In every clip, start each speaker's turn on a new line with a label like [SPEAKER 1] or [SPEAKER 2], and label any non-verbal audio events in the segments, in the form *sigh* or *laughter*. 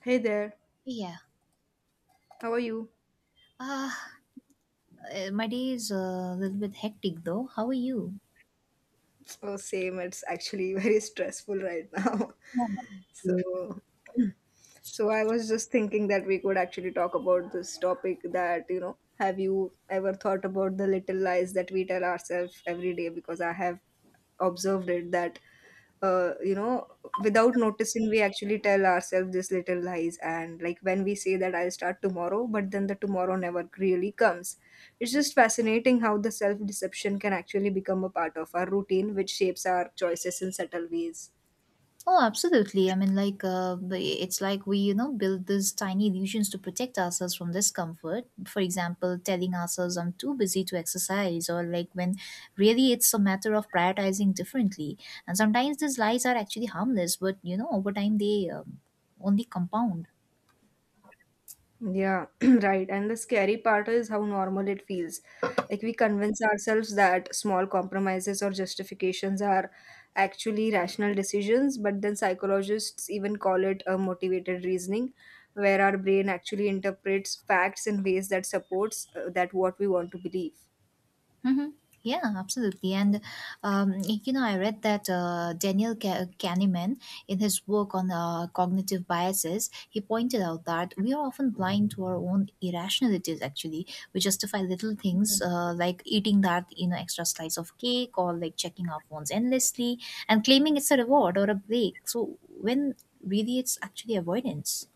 [SPEAKER 1] Hey there,
[SPEAKER 2] Yeah.
[SPEAKER 1] how are you?
[SPEAKER 2] Ah, my day is a little bit hectic though. How are you?
[SPEAKER 1] Oh, same. It's actually *laughs* very stressful right now. *laughs*
[SPEAKER 2] Yeah.
[SPEAKER 1] So, So, I was just thinking that we could actually talk about this topic that, you know, have you ever thought about the little lies that we tell ourselves every day? Because I have observed it that, you know, without noticing, we actually tell ourselves these little lies. And like when we say that I'll start tomorrow, but then the tomorrow never really comes. It's just fascinating how the self deception can actually become a part of our routine, which shapes our choices in subtle ways.
[SPEAKER 2] Oh, absolutely. But it's like we build these tiny illusions to protect ourselves from discomfort. For example, telling ourselves I'm too busy to exercise, or like when really it's a matter of prioritizing differently. And sometimes these lies are actually harmless, but you know, over time they only compound.
[SPEAKER 1] Yeah, *clears throat* right. And the scary part is how normal it feels. Like we convince ourselves that small compromises or justifications are actually rational decisions, but then psychologists even call it a motivated reasoning, where our brain actually interprets facts in ways that supports that what we want to believe.
[SPEAKER 2] Mm-hmm. Yeah, absolutely. And you know, I read that Daniel Kahneman, in his work on cognitive biases, he pointed out that we are often blind to our own irrationalities, actually. We justify little things like eating that, you know, extra slice of cake or like checking our phones endlessly and claiming it's a reward or a break. So when really it's actually avoidance.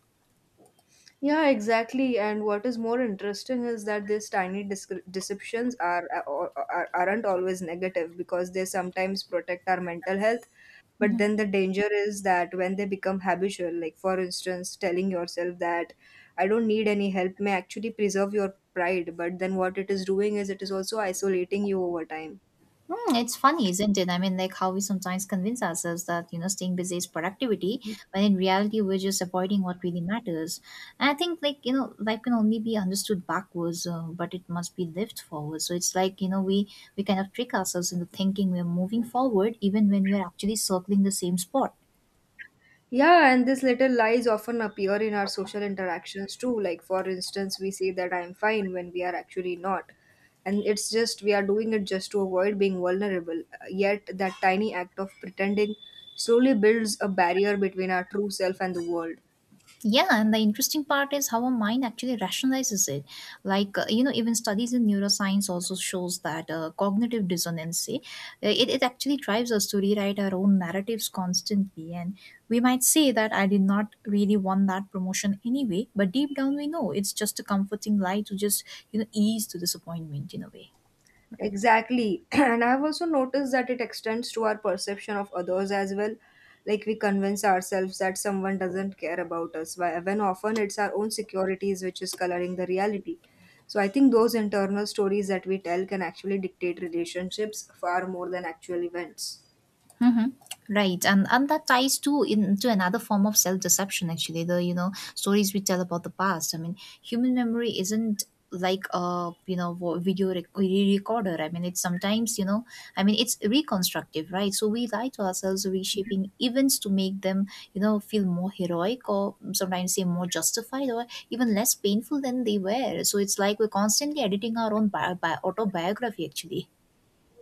[SPEAKER 1] Yeah, exactly. And what is more interesting is that these tiny deceptions aren't always negative because they sometimes protect our mental health. But then the danger is that when they become habitual, like for instance, telling yourself that I don't need any help may actually preserve your pride. But then what it is doing is it is also isolating you over time.
[SPEAKER 2] Mm, it's funny, isn't it? I mean, like how we sometimes convince ourselves that, you know, staying busy is productivity, when in reality, we're just avoiding what really matters. And I think, like, you know, life can only be understood backwards, but it must be lived forward. So it's like, you know, we kind of trick ourselves into thinking we're moving forward even when we're actually circling the same spot.
[SPEAKER 1] Yeah, and these little lies often appear in our social interactions too. Like, for instance, we say that I'm fine when we are actually not. And it's just we are doing it just to avoid being vulnerable. Yet, that tiny act of pretending slowly builds a barrier between our true self and the world.
[SPEAKER 2] Yeah, and the interesting part is how our mind actually rationalizes it, like you know, even studies in neuroscience also shows that cognitive dissonance say, it actually drives us to rewrite our own narratives constantly, and we might say that I did not really want that promotion anyway, but deep down we know it's just a comforting lie to just you know ease the disappointment in a way.
[SPEAKER 1] Exactly. *clears throat* And I've also noticed that it extends to our perception of others as well. Like we convince ourselves that someone doesn't care about us, when often it's our own securities which is coloring the reality. So I think those internal stories that we tell can actually dictate relationships far more than actual events.
[SPEAKER 2] Mm-hmm. Right, and that ties to into another form of self deception. Actually, the you know stories we tell about the past. I mean, human memory isn't like a you know video recorder. I mean, it's sometimes you know. I mean, it's reconstructive, right? So we lie to ourselves, reshaping events to make them you know feel more heroic or sometimes say more justified or even less painful than they were. So it's like we're constantly editing our own autobiography, actually.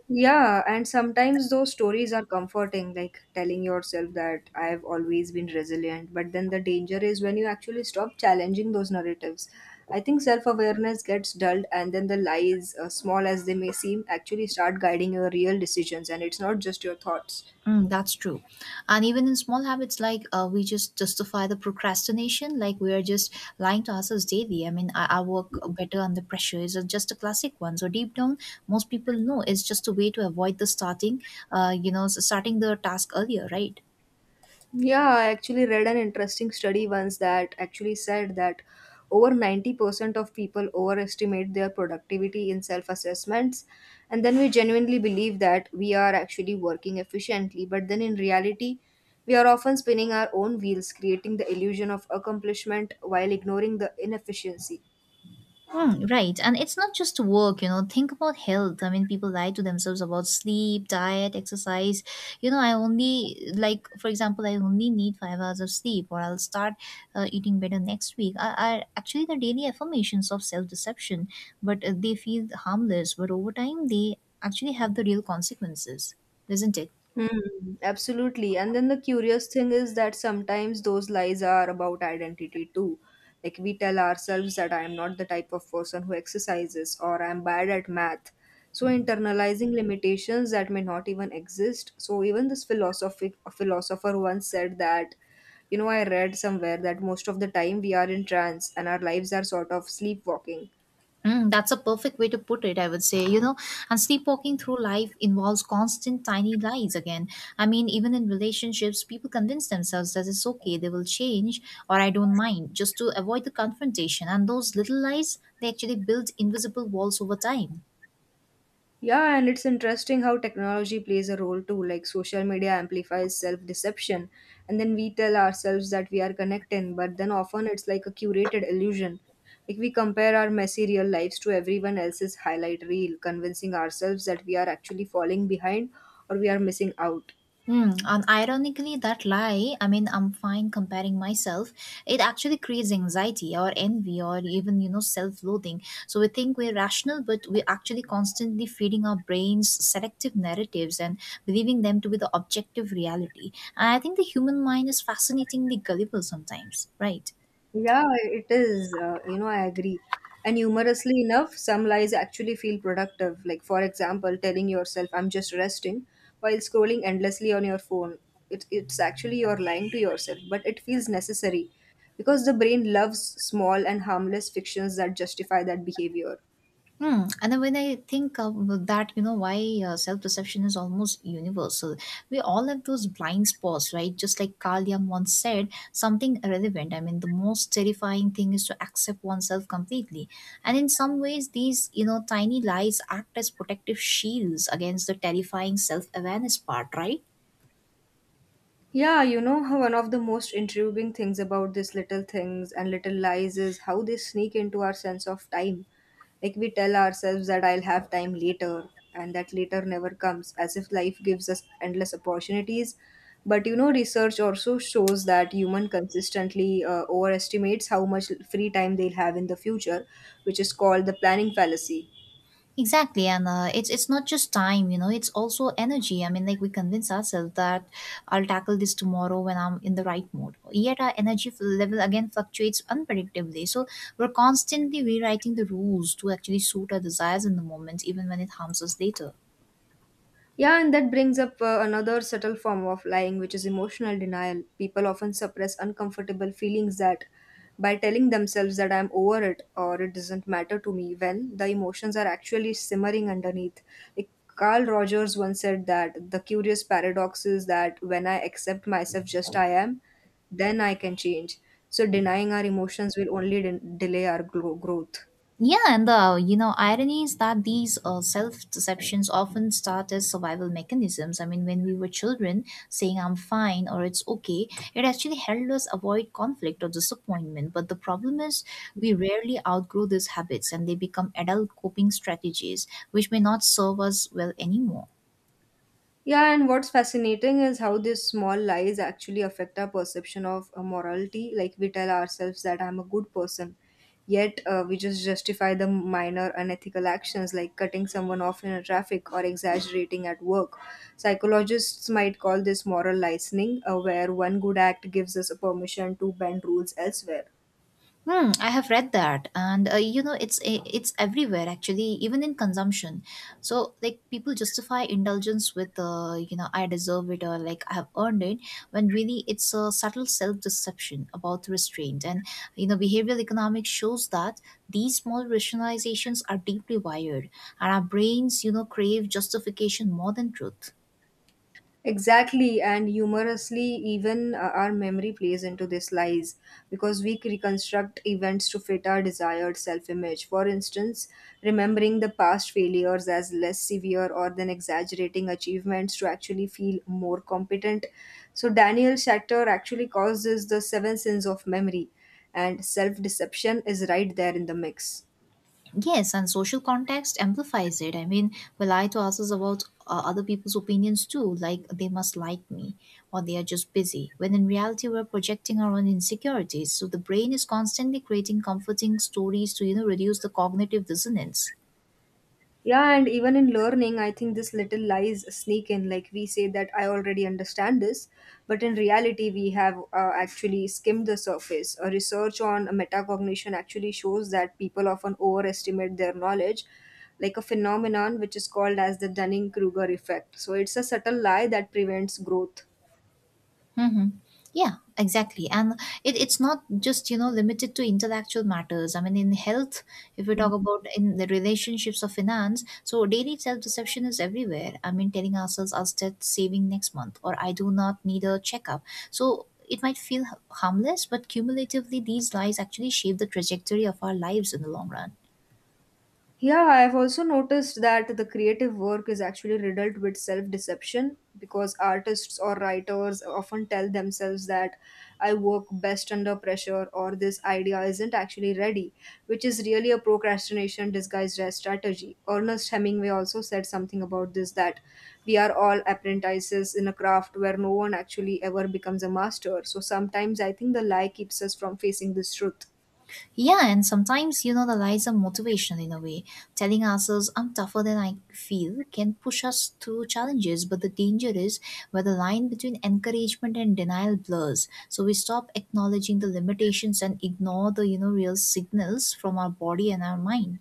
[SPEAKER 1] Yeah, and sometimes those stories are comforting, like telling yourself that I've always been resilient. But then the danger is when you actually stop challenging those narratives. I think self awareness gets dulled, and then the lies, small as they may seem, actually start guiding your real decisions, and it's not just your thoughts.
[SPEAKER 2] Mm, that's true. And even in small habits, like we just justify the procrastination, like we are just lying to ourselves daily. I mean, I work better under pressure is just a classic one. So deep down, most people know it's just a way to avoid the starting, you know, starting the task earlier, right?
[SPEAKER 1] Yeah, I actually read an interesting study once that actually said that over 90% of people overestimate their productivity in self assessments. And then we genuinely believe that we are actually working efficiently. But then in reality, we are often spinning our own wheels, creating the illusion of accomplishment while ignoring the inefficiency.
[SPEAKER 2] Mm, right. And it's not just work, you know, think about health. I mean, people lie to themselves about sleep, diet, exercise. You know, I only, like, for example, I only need 5 hours of sleep or I'll start eating better next week. Are actually the daily affirmations of self deception, but they feel harmless. But over time, they actually have the real consequences, isn't it?
[SPEAKER 1] Hmm, absolutely. And then the curious thing is that sometimes those lies are about identity too. Like we tell ourselves that I am not the type of person who exercises or I am bad at math. So internalizing limitations that may not even exist. So even this philosophic philosopher once said that, you know, I read somewhere that most of the time we are in trance and our lives are sort of sleepwalking.
[SPEAKER 2] Mm, that's a perfect way to put it, I would say. You know, and sleepwalking through life involves constant tiny lies again. I mean, even in relationships, people convince themselves that it's okay, they will change, or I don't mind, just to avoid the confrontation. And those little lies, they actually build invisible walls over time.
[SPEAKER 1] Yeah, and it's interesting how technology plays a role too. Like social media amplifies self deception, and then we tell ourselves that we are connecting, but then often it's like a curated illusion. Like we compare our messy real lives to everyone else's highlight reel, convincing ourselves that we are actually falling behind or we are missing out.
[SPEAKER 2] Hmm. And ironically, that lie, I mean, I'm fine comparing myself, it actually creates anxiety or envy or even, you know, self loathing. So we think we're rational, but we're actually constantly feeding our brains selective narratives and believing them to be the objective reality. And I think the human mind is fascinatingly gullible sometimes, right?
[SPEAKER 1] Yeah, it is. You know, I agree. And humorously enough, some lies actually feel productive. Like, for example, telling yourself, I'm just resting, while scrolling endlessly on your phone. It's actually you're lying to yourself, but it feels necessary because the brain loves small and harmless fictions that justify that behavior.
[SPEAKER 2] Hmm. And then when I think of that, you know, why self deception is almost universal. We all have those blind spots, right? Just like Carl Jung once said, something irrelevant. I mean, the most terrifying thing is to accept oneself completely. And in some ways, these, you know, tiny lies act as protective shields against the terrifying self awareness part, right?
[SPEAKER 1] Yeah, you know how one of the most intriguing things about these little things and little lies is how they sneak into our sense of time. Like we tell ourselves that I'll have time later, and that later never comes, as if life gives us endless opportunities. But you know, research also shows that human consistently overestimates how much free time they'll have in the future, which is called the planning fallacy.
[SPEAKER 2] Exactly, and it's not just time, you know, it's also energy. I mean, like we convince ourselves that I'll tackle this tomorrow when I'm in the right mood. Yet our energy level again fluctuates unpredictably. So we're constantly rewriting the rules to actually suit our desires in the moment, even when it harms us later.
[SPEAKER 1] Yeah, and that brings up another subtle form of lying, which is emotional denial. People often suppress uncomfortable feelings that by telling themselves that I'm over it or it doesn't matter to me when the emotions are actually simmering underneath. Like Carl Rogers once said that the curious paradox is that when I accept myself just I am, then I can change. So denying our emotions will only delay our growth.
[SPEAKER 2] Yeah, and the you know irony is that these self deceptions often start as survival mechanisms. I mean, when we were children, saying "I'm fine" or "It's okay," it actually helped us avoid conflict or disappointment. But the problem is, we rarely outgrow these habits, and they become adult coping strategies, which may not serve us well anymore.
[SPEAKER 1] Yeah, and what's fascinating is how these small lies actually affect our perception of morality. Like we tell ourselves that I'm a good person, yet we just justify the minor unethical actions like cutting someone off in a traffic or exaggerating at work. Psychologists might call this moral licensing, where one good act gives us a permission to bend rules elsewhere.
[SPEAKER 2] Hmm, I have read that, and you know, it's it's everywhere actually, even in consumption. So, like, people justify indulgence with, you know, I deserve it or like I have earned it, when really it's a subtle self-deception about restraint. And you know, behavioral economics shows that these small rationalizations are deeply wired, and our brains, you know, crave justification more than truth.
[SPEAKER 1] Exactly, and humorously, even our memory plays into this lies because we reconstruct events to fit our desired self image. For instance, remembering the past failures as less severe or then exaggerating achievements to actually feel more competent. So, Daniel Shatter actually causes the seven sins of memory, and self deception is right there in the mix.
[SPEAKER 2] Yes, and social context amplifies it. I mean, well, I to ask us about other people's opinions too, like they must like me or they are just busy. When in reality, we're projecting our own insecurities. So the brain is constantly creating comforting stories to you know reduce the cognitive dissonance.
[SPEAKER 1] Yeah, and even in learning, I think this little lies sneak in. Like we say that I already understand this, but in reality, we have actually skimmed the surface. A research on metacognition actually shows that people often overestimate their knowledge, like a phenomenon which is called as the Dunning Kruger effect. So it's a subtle lie that prevents growth.
[SPEAKER 2] Hmm. Yeah, exactly. And it's not just, you know, limited to intellectual matters. I mean, in health, if we talk about in the relationships of finance, so daily self-deception is everywhere. I mean, telling ourselves I'll start saving next month or I do not need a checkup. So it might feel harmless, but cumulatively, these lies actually shape the trajectory of our lives in the long run.
[SPEAKER 1] Yeah, I've also noticed that the creative work is actually riddled with self deception because artists or writers often tell themselves that I work best under pressure or this idea isn't actually ready, which is really a procrastination disguised as strategy. Ernest Hemingway also said something about this that we are all apprentices in a craft where no one actually ever becomes a master. So sometimes I think the lie keeps us from facing this truth.
[SPEAKER 2] Yeah, and sometimes, you know, the lies are motivation in a way. Telling ourselves, I'm tougher than I feel, can push us through challenges. But the danger is where the line between encouragement and denial blurs. So we stop acknowledging the limitations and ignore the, you know, real signals from our body and our mind.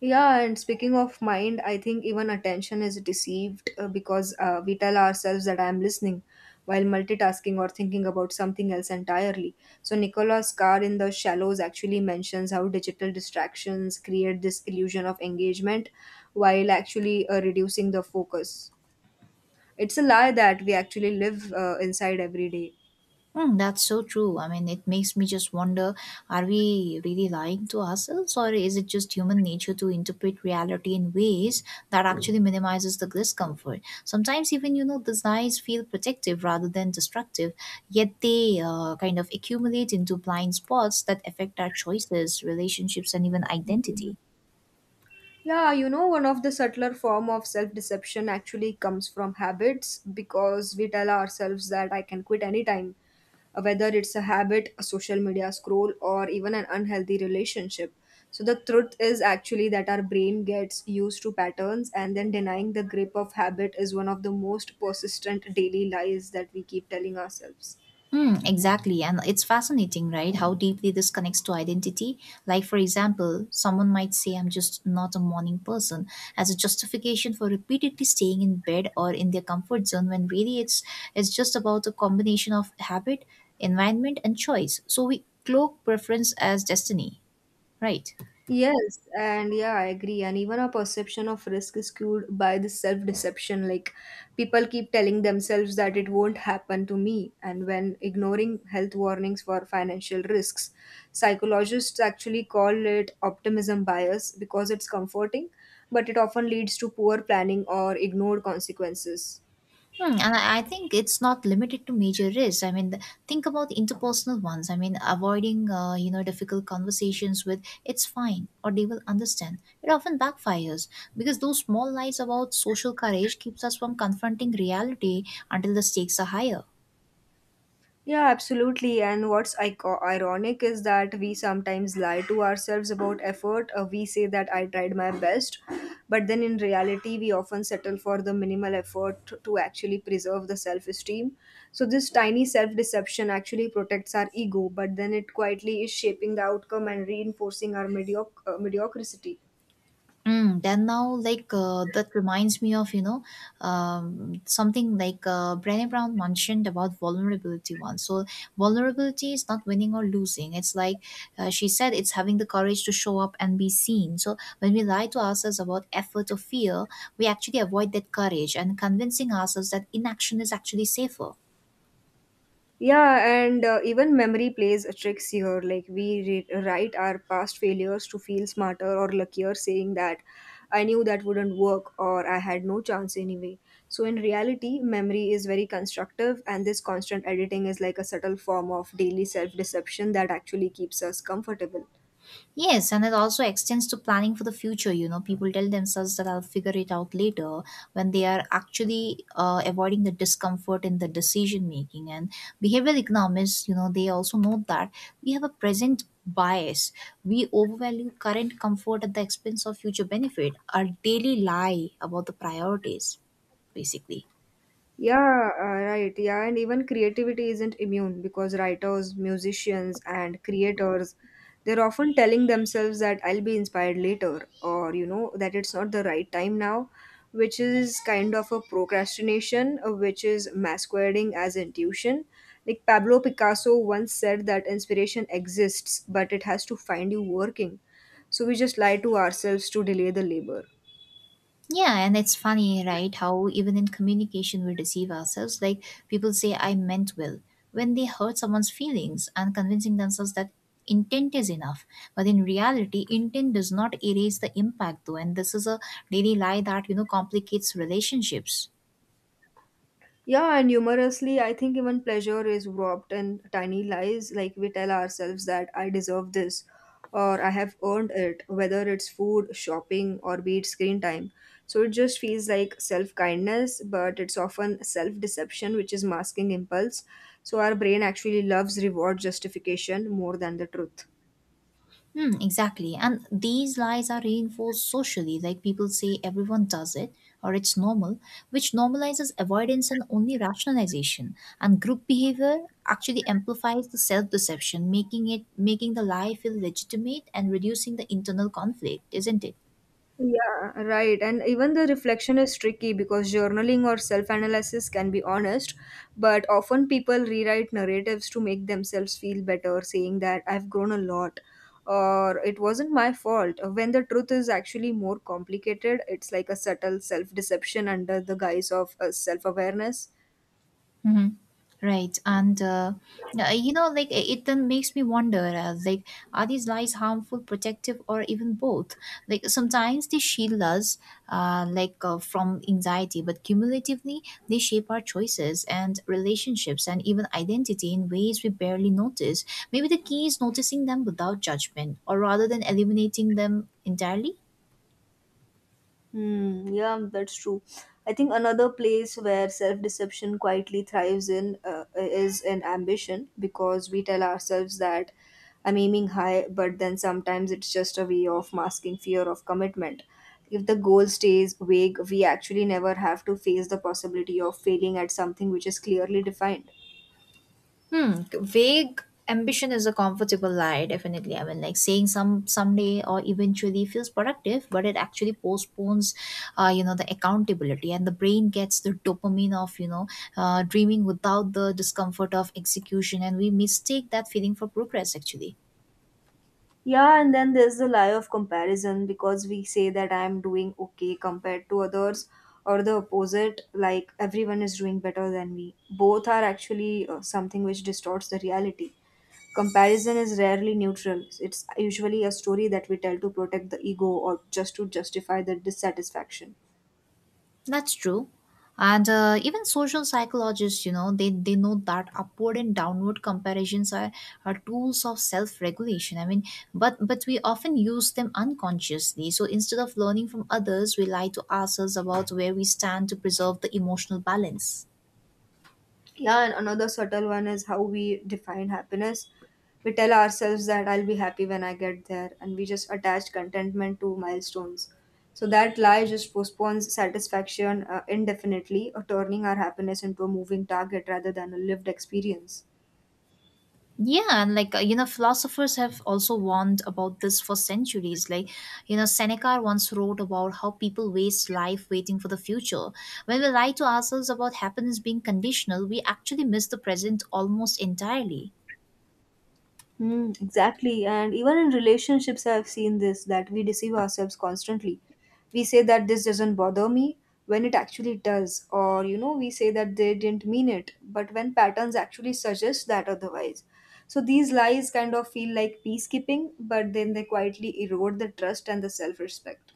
[SPEAKER 1] Yeah, and speaking of mind, I think even attention is deceived because we tell ourselves that I am listening while multitasking or thinking about something else entirely. So, Nicholas Carr in The Shallows actually mentions how digital distractions create this illusion of engagement while actually reducing the focus. It's a lie that we actually live inside every day.
[SPEAKER 2] Mm, that's so true. I mean, it makes me just wonder, are we really lying to ourselves, or is it just human nature to interpret reality in ways that actually minimizes the discomfort? Sometimes, even, you know, desires feel protective rather than destructive, yet they kind of accumulate into blind spots that affect our choices, relationships, and even identity.
[SPEAKER 1] Mhm. Yeah, you know, one of the subtler form of self-deception actually comes from habits because we tell ourselves that I can quit anytime, whether it's a habit, a social media scroll, or even an unhealthy relationship. So the truth is actually that our brain gets used to patterns, and then denying the grip of habit is one of the most persistent daily lies that we keep telling ourselves.
[SPEAKER 2] Mm, exactly. And it's fascinating, right? How deeply this connects to identity. Like, for example, someone might say, I'm just not a morning person, as a justification for repeatedly staying in bed or in their comfort zone, when really it's just about a combination of habit, environment, and choice. So we cloak preference as destiny, right?
[SPEAKER 1] Yes, and yeah, I agree. And even our perception of risk is skewed by the self-deception. Like people keep telling themselves that it won't happen to me, and when ignoring health warnings for financial risks, psychologists actually call it optimism bias because it's comforting, but it often leads to poor planning or ignored consequences.
[SPEAKER 2] Hmm, and I think it's not limited to major risks. I mean, think about interpersonal ones. I mean, avoiding you know difficult conversations with "it's fine" or "they will understand." It often backfires because those small lies about social courage keeps us from confronting reality until the stakes are higher.
[SPEAKER 1] Yeah, absolutely. And what's ironic is that we sometimes lie to ourselves about effort. We say that I tried my best, but then in reality, we often settle for the minimal effort to actually preserve the self esteem. So, this tiny self deception actually protects our ego, but then it quietly is shaping the outcome and reinforcing our mediocrity.
[SPEAKER 2] Mm, then now, like that reminds me of you know something like Brené Brown mentioned about vulnerability once. So vulnerability is not winning or losing. It's like she said, it's having the courage to show up and be seen. So when we lie to ourselves about effort or fear, we actually avoid that courage and convincing ourselves that inaction is actually safer.
[SPEAKER 1] Yeah, and even memory plays tricks here. Like we write our past failures to feel smarter or luckier, saying that I knew that wouldn't work or I had no chance anyway. So in reality, memory is very constructive, and this constant editing is like a subtle form of daily self deception that actually keeps us comfortable.
[SPEAKER 2] Yes, and it also extends to planning for the future. You know, people tell themselves that I'll figure it out later when they are actually avoiding the discomfort in the decision making. And behavioral economists, you know, they also note that we have a present bias. We overvalue current comfort at the expense of future benefit, our daily lie about the priorities, basically.
[SPEAKER 1] Yeah, right. Yeah, and even creativity isn't immune because writers, musicians, and creators, they're often telling themselves that I'll be inspired later, or you know, that it's not the right time now, which is kind of a procrastination, which is masquerading as intuition. Like Pablo Picasso once said that inspiration exists, but it has to find you working. So we just lie to ourselves to delay the labor.
[SPEAKER 2] Yeah, and it's funny, right? How even in communication we deceive ourselves. Like people say, I meant well when they hurt someone's feelings and convincing themselves that intent is enough. But in reality, intent does not erase the impact, though. And this is a daily lie that, you know, complicates relationships.
[SPEAKER 1] Yeah, and humorously, I think even pleasure is warped in tiny lies. Like we tell ourselves that I deserve this or I have earned it, whether it's food, shopping, or be it screen time. So it just feels like self kindness, but it's often self deception, which is masking impulse. So our brain actually loves reward justification more than the truth.
[SPEAKER 2] Hmm, exactly. And these lies are reinforced socially, like people say everyone does it or it's normal, which normalizes avoidance and only rationalization. And group behavior actually amplifies the self-deception, making the lie feel legitimate and reducing the internal conflict, isn't it?
[SPEAKER 1] Yeah, right. And even the reflection is tricky because journaling or self analysis can be honest, but often people rewrite narratives to make themselves feel better, saying that I've grown a lot or it wasn't my fault. When the truth is actually more complicated, it's like a subtle self deception under the guise of self awareness.
[SPEAKER 2] Hmm. Right. And you know, like it then makes me wonder like, are these lies harmful, protective, or even both? Like, sometimes they shield us, like, from anxiety, but cumulatively, they shape our choices and relationships and even identity in ways we barely notice. Maybe the key is noticing them without judgment or rather than eliminating them entirely.
[SPEAKER 1] Hmm, yeah, that's true. I think another place where self deception quietly thrives in is in ambition because we tell ourselves that I'm aiming high, but then sometimes it's just a way of masking fear of commitment. If the goal stays vague, we actually never have to face the possibility of failing at something which is clearly defined.
[SPEAKER 2] Hmm. Vague ambition is a comfortable lie, definitely. I mean, like saying someday or eventually feels productive, but it actually postpones, the accountability, and the brain gets the dopamine of dreaming without the discomfort of execution, and we mistake that feeling for progress actually.
[SPEAKER 1] Yeah, and then there's the lie of comparison because we say that I'm doing okay compared to others, or the opposite, like everyone is doing better than me. Both are actually something which distorts the reality. Comparison is rarely neutral, it's usually a story that we tell to protect the ego or just to justify the dissatisfaction.
[SPEAKER 2] That's true. And even social psychologists, you know, they know that upward and downward comparisons are tools of self-regulation. I mean, but we often use them unconsciously. So instead of learning from others, we lie to ourselves about where we stand to preserve the emotional balance.
[SPEAKER 1] Yeah, and another subtle one is how we define happiness. We tell ourselves that I'll be happy when I get there, and we just attach contentment to milestones, so that lie just postpones satisfaction indefinitely, or turning our happiness into a moving target rather than a lived experience.
[SPEAKER 2] Yeah, and like you know, philosophers have also warned about this for centuries. Like, you know, Seneca once wrote about how people waste life waiting for the future. When we lie to ourselves about happiness being conditional, we actually miss the present almost entirely.
[SPEAKER 1] Mm, exactly. And even in relationships, I've seen this that we deceive ourselves constantly. We say that this doesn't bother me when it actually does, or you know, we say that they didn't mean it, but when patterns actually suggest that otherwise. So these lies kind of feel like peacekeeping, but then they quietly erode the trust and the self respect.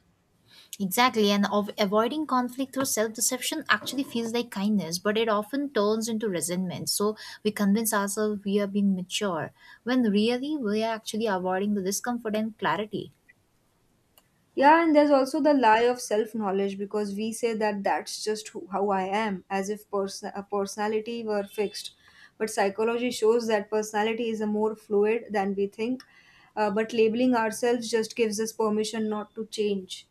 [SPEAKER 2] Exactly, and of avoiding conflict through self-deception actually feels like kindness, but it often turns into resentment. So we convince ourselves we are being mature, when really we are actually avoiding the discomfort and clarity.
[SPEAKER 1] Yeah, and there's also the lie of self knowledge because we say that that's just who, how I am, as if a personality were fixed. But psychology shows that personality is a more fluid than we think. But labeling ourselves just gives us permission not to change.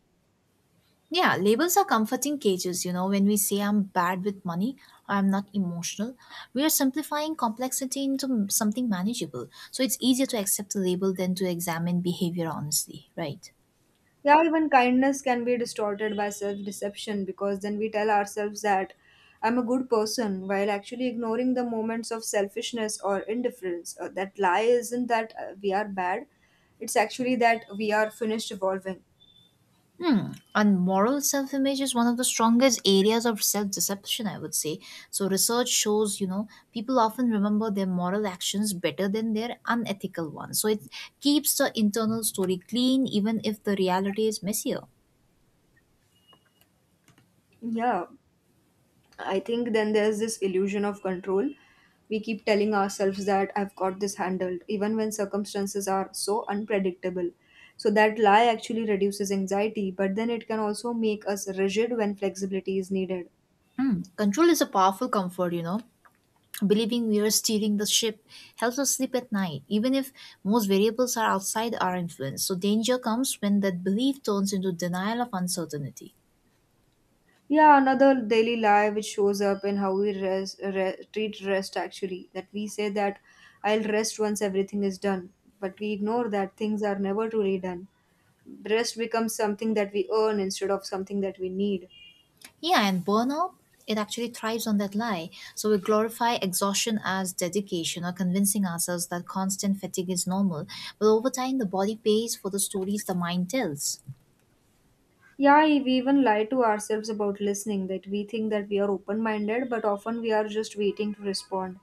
[SPEAKER 2] Yeah, labels are comforting cages. You know, when we say I'm bad with money or I'm not emotional, we are simplifying complexity into something manageable. So it's easier to accept a label than to examine behavior honestly, right?
[SPEAKER 1] Yeah, even kindness can be distorted by self deception because then we tell ourselves that I'm a good person while actually ignoring the moments of selfishness or indifference. That lie isn't that we are bad, it's actually that we are finished evolving.
[SPEAKER 2] Hmm. And moral self image is one of the strongest areas of self deception, I would say. So, research shows, you know, people often remember their moral actions better than their unethical ones. So, it keeps the internal story clean, even if the reality is messier.
[SPEAKER 1] Yeah, I think then there's this illusion of control. We keep telling ourselves that I've got this handled, even when circumstances are so unpredictable. So that lie actually reduces anxiety, but then it can also make us rigid when flexibility is needed.
[SPEAKER 2] Hmm. Control is a powerful comfort, you know. Believing we are steering the ship helps us sleep at night, even if most variables are outside our influence. So, danger comes when that belief turns into denial of uncertainty.
[SPEAKER 1] Yeah, another daily lie which shows up in how we rest, treat rest actually, that we say that I'll rest once everything is done, but we ignore that things are never truly done. Rest becomes something that we earn instead of something that we need.
[SPEAKER 2] Yeah, and burnout, it actually thrives on that lie. So, we glorify exhaustion as dedication or convincing ourselves that constant fatigue is normal. But over time, the body pays for the stories the mind tells.
[SPEAKER 1] Yeah, we even lie to ourselves about listening, that we think that we are open minded, but often we are just waiting to respond.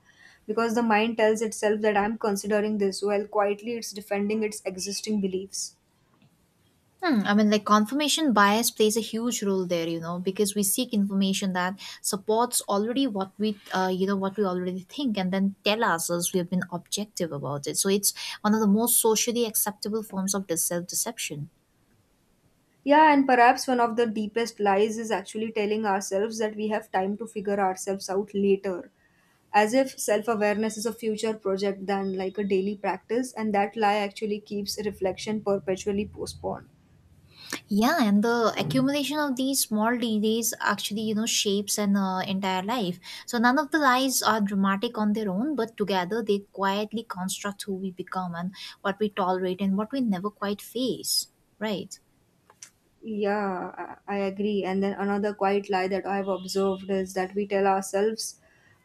[SPEAKER 1] Because the mind tells itself that I'm considering this, while quietly it's defending its existing beliefs.
[SPEAKER 2] Hmm, I mean, like confirmation bias plays a huge role there, you know, because we seek information that supports already what we, what we already think, and then tell ourselves we have been objective about it. So it's one of the most socially acceptable forms of self deception.
[SPEAKER 1] Yeah, and perhaps one of the deepest lies is actually telling ourselves that we have time to figure ourselves out later. As if self awareness is a future project than like a daily practice, and that lie actually keeps reflection perpetually postponed.
[SPEAKER 2] Yeah, and the accumulation of these small delays actually, you know, shapes an entire life. So none of the lies are dramatic on their own, but together they quietly construct who we become and what we tolerate and what we never quite face. Right.
[SPEAKER 1] Yeah, I agree. And then another quiet lie that I've observed is that we tell ourselves,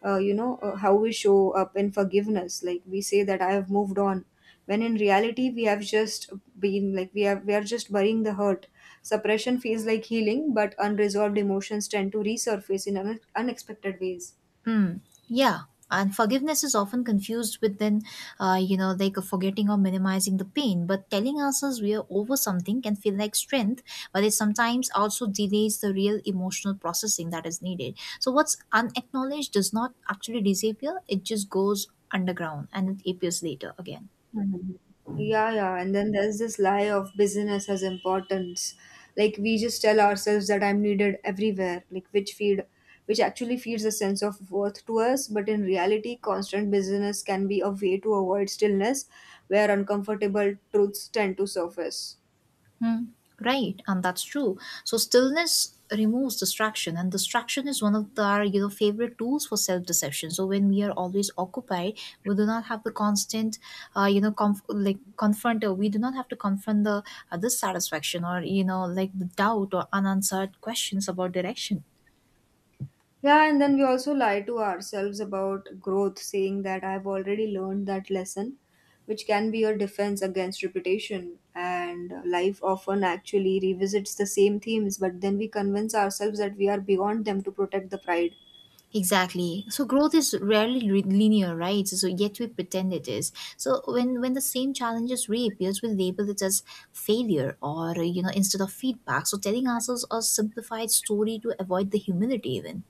[SPEAKER 1] how we show up in forgiveness. Like we say that I have moved on, when in reality we have just been like we have we are just burying the hurt. Suppression feels like healing, but unresolved emotions tend to resurface in unexpected ways.
[SPEAKER 2] Mm, yeah, and forgiveness is often confused with then, you know, like a forgetting or minimizing the pain. But telling ourselves we are over something can feel like strength, but it sometimes also delays the real emotional processing that is needed. So what's unacknowledged does not actually disappear; it just goes underground and it appears later again.
[SPEAKER 1] Mhm. Yeah, yeah. And then there's this lie of business as importance. Like we just tell ourselves that I'm needed everywhere, which actually feeds a sense of worth to us, but in reality, constant business can be a way to avoid stillness where uncomfortable truths tend to surface.
[SPEAKER 2] Hmm. Right, and that's true. So stillness removes distraction, and distraction is one of the, our you know favorite tools for self deception. So when we are always occupied, we do not have the constant, like confront. We do not have to confront the dissatisfaction or you know like the doubt or unanswered questions about direction.
[SPEAKER 1] Yeah, and then we also lie to ourselves about growth, saying that I've already learned that lesson, which can be a defense against repetition. And life often actually revisits the same themes, but then we convince ourselves that we are beyond them to protect the pride.
[SPEAKER 2] Exactly. So growth is rarely linear, right? So yet we pretend it is. So when the same challenges reappears, we label it as failure or you know instead of feedback. So telling ourselves a simplified story to avoid the humility, even.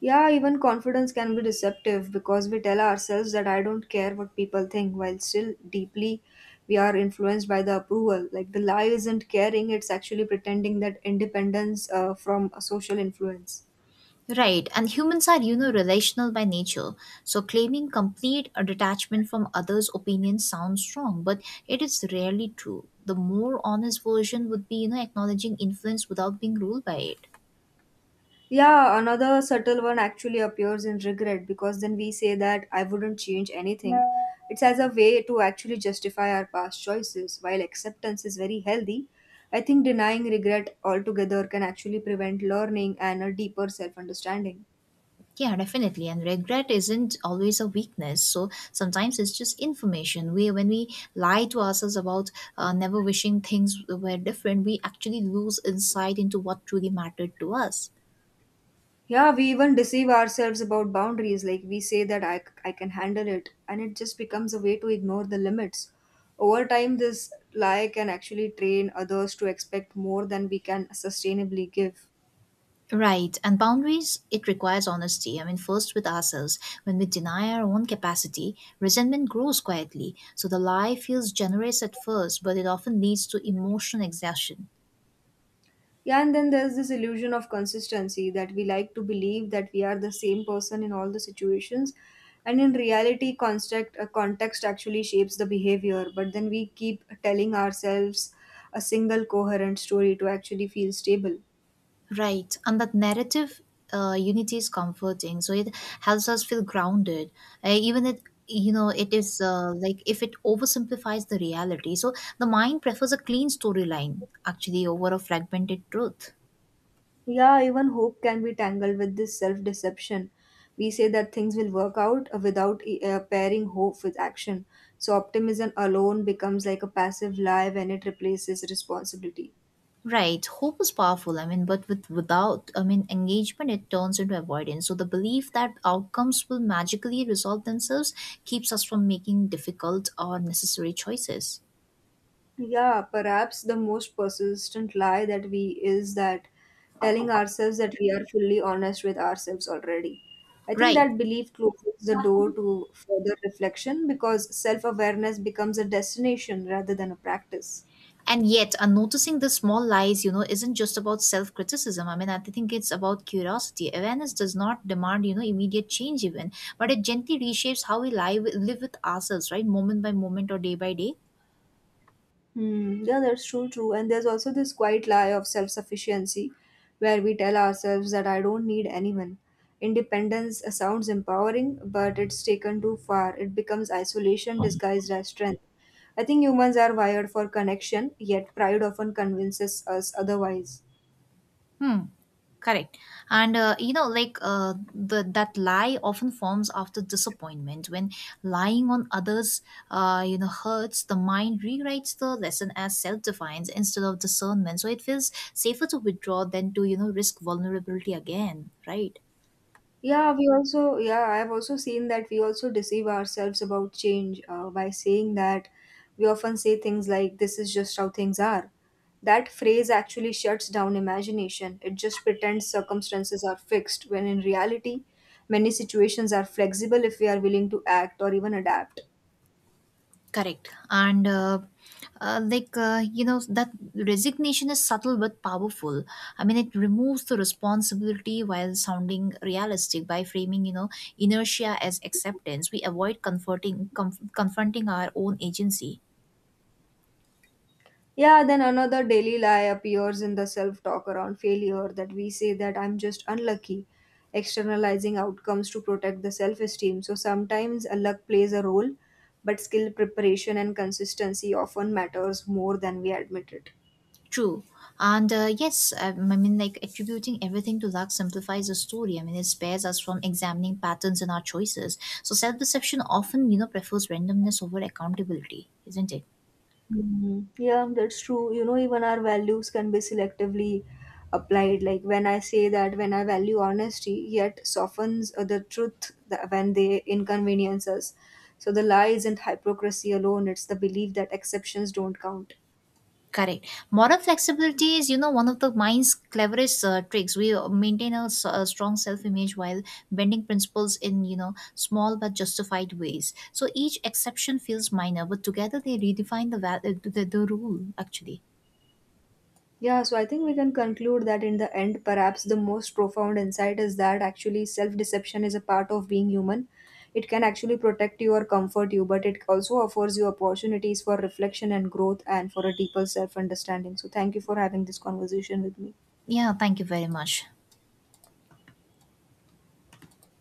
[SPEAKER 1] Yeah, even confidence can be deceptive because we tell ourselves that I don't care what people think, while still deeply we are influenced by the approval. Like the lie isn't caring, it's actually pretending that independence from a social influence.
[SPEAKER 2] Right, and humans are, you know, relational by nature. So claiming complete detachment from others' opinions sounds strong, but it is rarely true. The more honest version would be, you know, acknowledging influence without being ruled by it.
[SPEAKER 1] Yeah, another subtle one actually appears in regret because then we say that I wouldn't change anything. It's as a way to actually justify our past choices. While acceptance is very healthy, I think denying regret altogether can actually prevent learning and a deeper self understanding.
[SPEAKER 2] Yeah, definitely. And regret isn't always a weakness. So sometimes it's just information. We, when we lie to ourselves about never wishing things were different, we actually lose insight into what truly mattered to us.
[SPEAKER 1] Yeah, we even deceive ourselves about boundaries. Like we say that I can handle it, and it just becomes a way to ignore the limits. Over time, this lie can actually train others to expect more than we can sustainably give.
[SPEAKER 2] Right. And boundaries, it requires honesty. I mean, first with ourselves. When we deny our own capacity, resentment grows quietly. So the lie feels generous at first, but it often leads to emotional exhaustion.
[SPEAKER 1] Yeah, and then there's this illusion of consistency that we like to believe that we are the same person in all the situations. And in reality, context actually shapes the behavior, but then we keep telling ourselves a single coherent story to actually feel stable.
[SPEAKER 2] Right, and that narrative unity is comforting. So it helps us feel grounded, even it you know it is like if it oversimplifies the reality. So the mind prefers a clean storyline actually over a fragmented truth.
[SPEAKER 1] Yeah, even hope can be tangled with this self deception. We say that things will work out without pairing hope with action. So, optimism alone becomes like a passive lie when it replaces responsibility.
[SPEAKER 2] Right, hope is powerful. I mean, but without I mean engagement, it turns into avoidance. So the belief that outcomes will magically resolve themselves keeps us from making difficult or necessary choices.
[SPEAKER 1] Yeah, perhaps the most persistent lie that we is that telling ourselves that we are fully honest with ourselves already. I think
[SPEAKER 2] Right.
[SPEAKER 1] that belief closes the door to further reflection because self awareness becomes a destination rather than a practice.
[SPEAKER 2] And yet, noticing the small lies, you know, isn't just about self criticism. I mean, I think it's about curiosity. Awareness does not demand, you know, immediate change, even, but it gently reshapes how we live with ourselves, right? Moment by moment or day by day.
[SPEAKER 1] Hmm. Yeah, that's true, true. And there's also this quiet lie of self sufficiency where we tell ourselves that I don't need anyone. Independence sounds empowering, but it's taken too far. It becomes isolation disguised as strength. I think humans are wired for connection, yet pride often convinces us otherwise.
[SPEAKER 2] Hmm. Correct. And you know, like the that lie often forms after disappointment. When lying on others, you know, hurts, the mind rewrites the lesson as self-defiance instead of discernment. So it feels safer to withdraw than to you know risk vulnerability again, right?
[SPEAKER 1] Yeah, we also, yeah, I've also seen that we also deceive ourselves about change by saying that we often say things like, this is just how things are. That phrase actually shuts down imagination. It just pretends circumstances are fixed, when in reality, many situations are flexible if we are willing to act or even adapt.
[SPEAKER 2] Correct. And you know that resignation is subtle but powerful. I mean, it removes the responsibility while sounding realistic by framing you know inertia as acceptance. We avoid confronting our own agency.
[SPEAKER 1] Yeah, then another daily lie appears in the self talk around failure that we say that I'm just unlucky, externalizing outcomes to protect the self esteem. So sometimes a luck plays a role, but skill preparation and consistency often matters more than we admit it.
[SPEAKER 2] True. And yes, I mean, like attributing everything to luck simplifies the story. I mean, it spares us from examining patterns in our choices. So self-deception often, you know, prefers randomness over accountability, isn't it?
[SPEAKER 1] Mhm. Yeah, that's true. You know, even our values can be selectively applied. Like when I say that when I value honesty, yet softens the truth that when they inconvenience us. So the lie isn't hypocrisy alone, it's the belief that exceptions don't count.
[SPEAKER 2] Correct. Moral flexibility is, you know, one of the mind's cleverest tricks. We maintain a, a strong self-image while bending principles in, you know, small but justified ways. So each exception feels minor, but together they redefine the rule. Actually,
[SPEAKER 1] Yeah, so I think we can conclude that in the end, perhaps the most profound insight is that actually self deception is a part of being human. It can actually protect you or comfort you, but it also offers you opportunities for reflection and growth and for a deeper self understanding. So, thank you for having this conversation with me.
[SPEAKER 2] yeah. Thank you very much.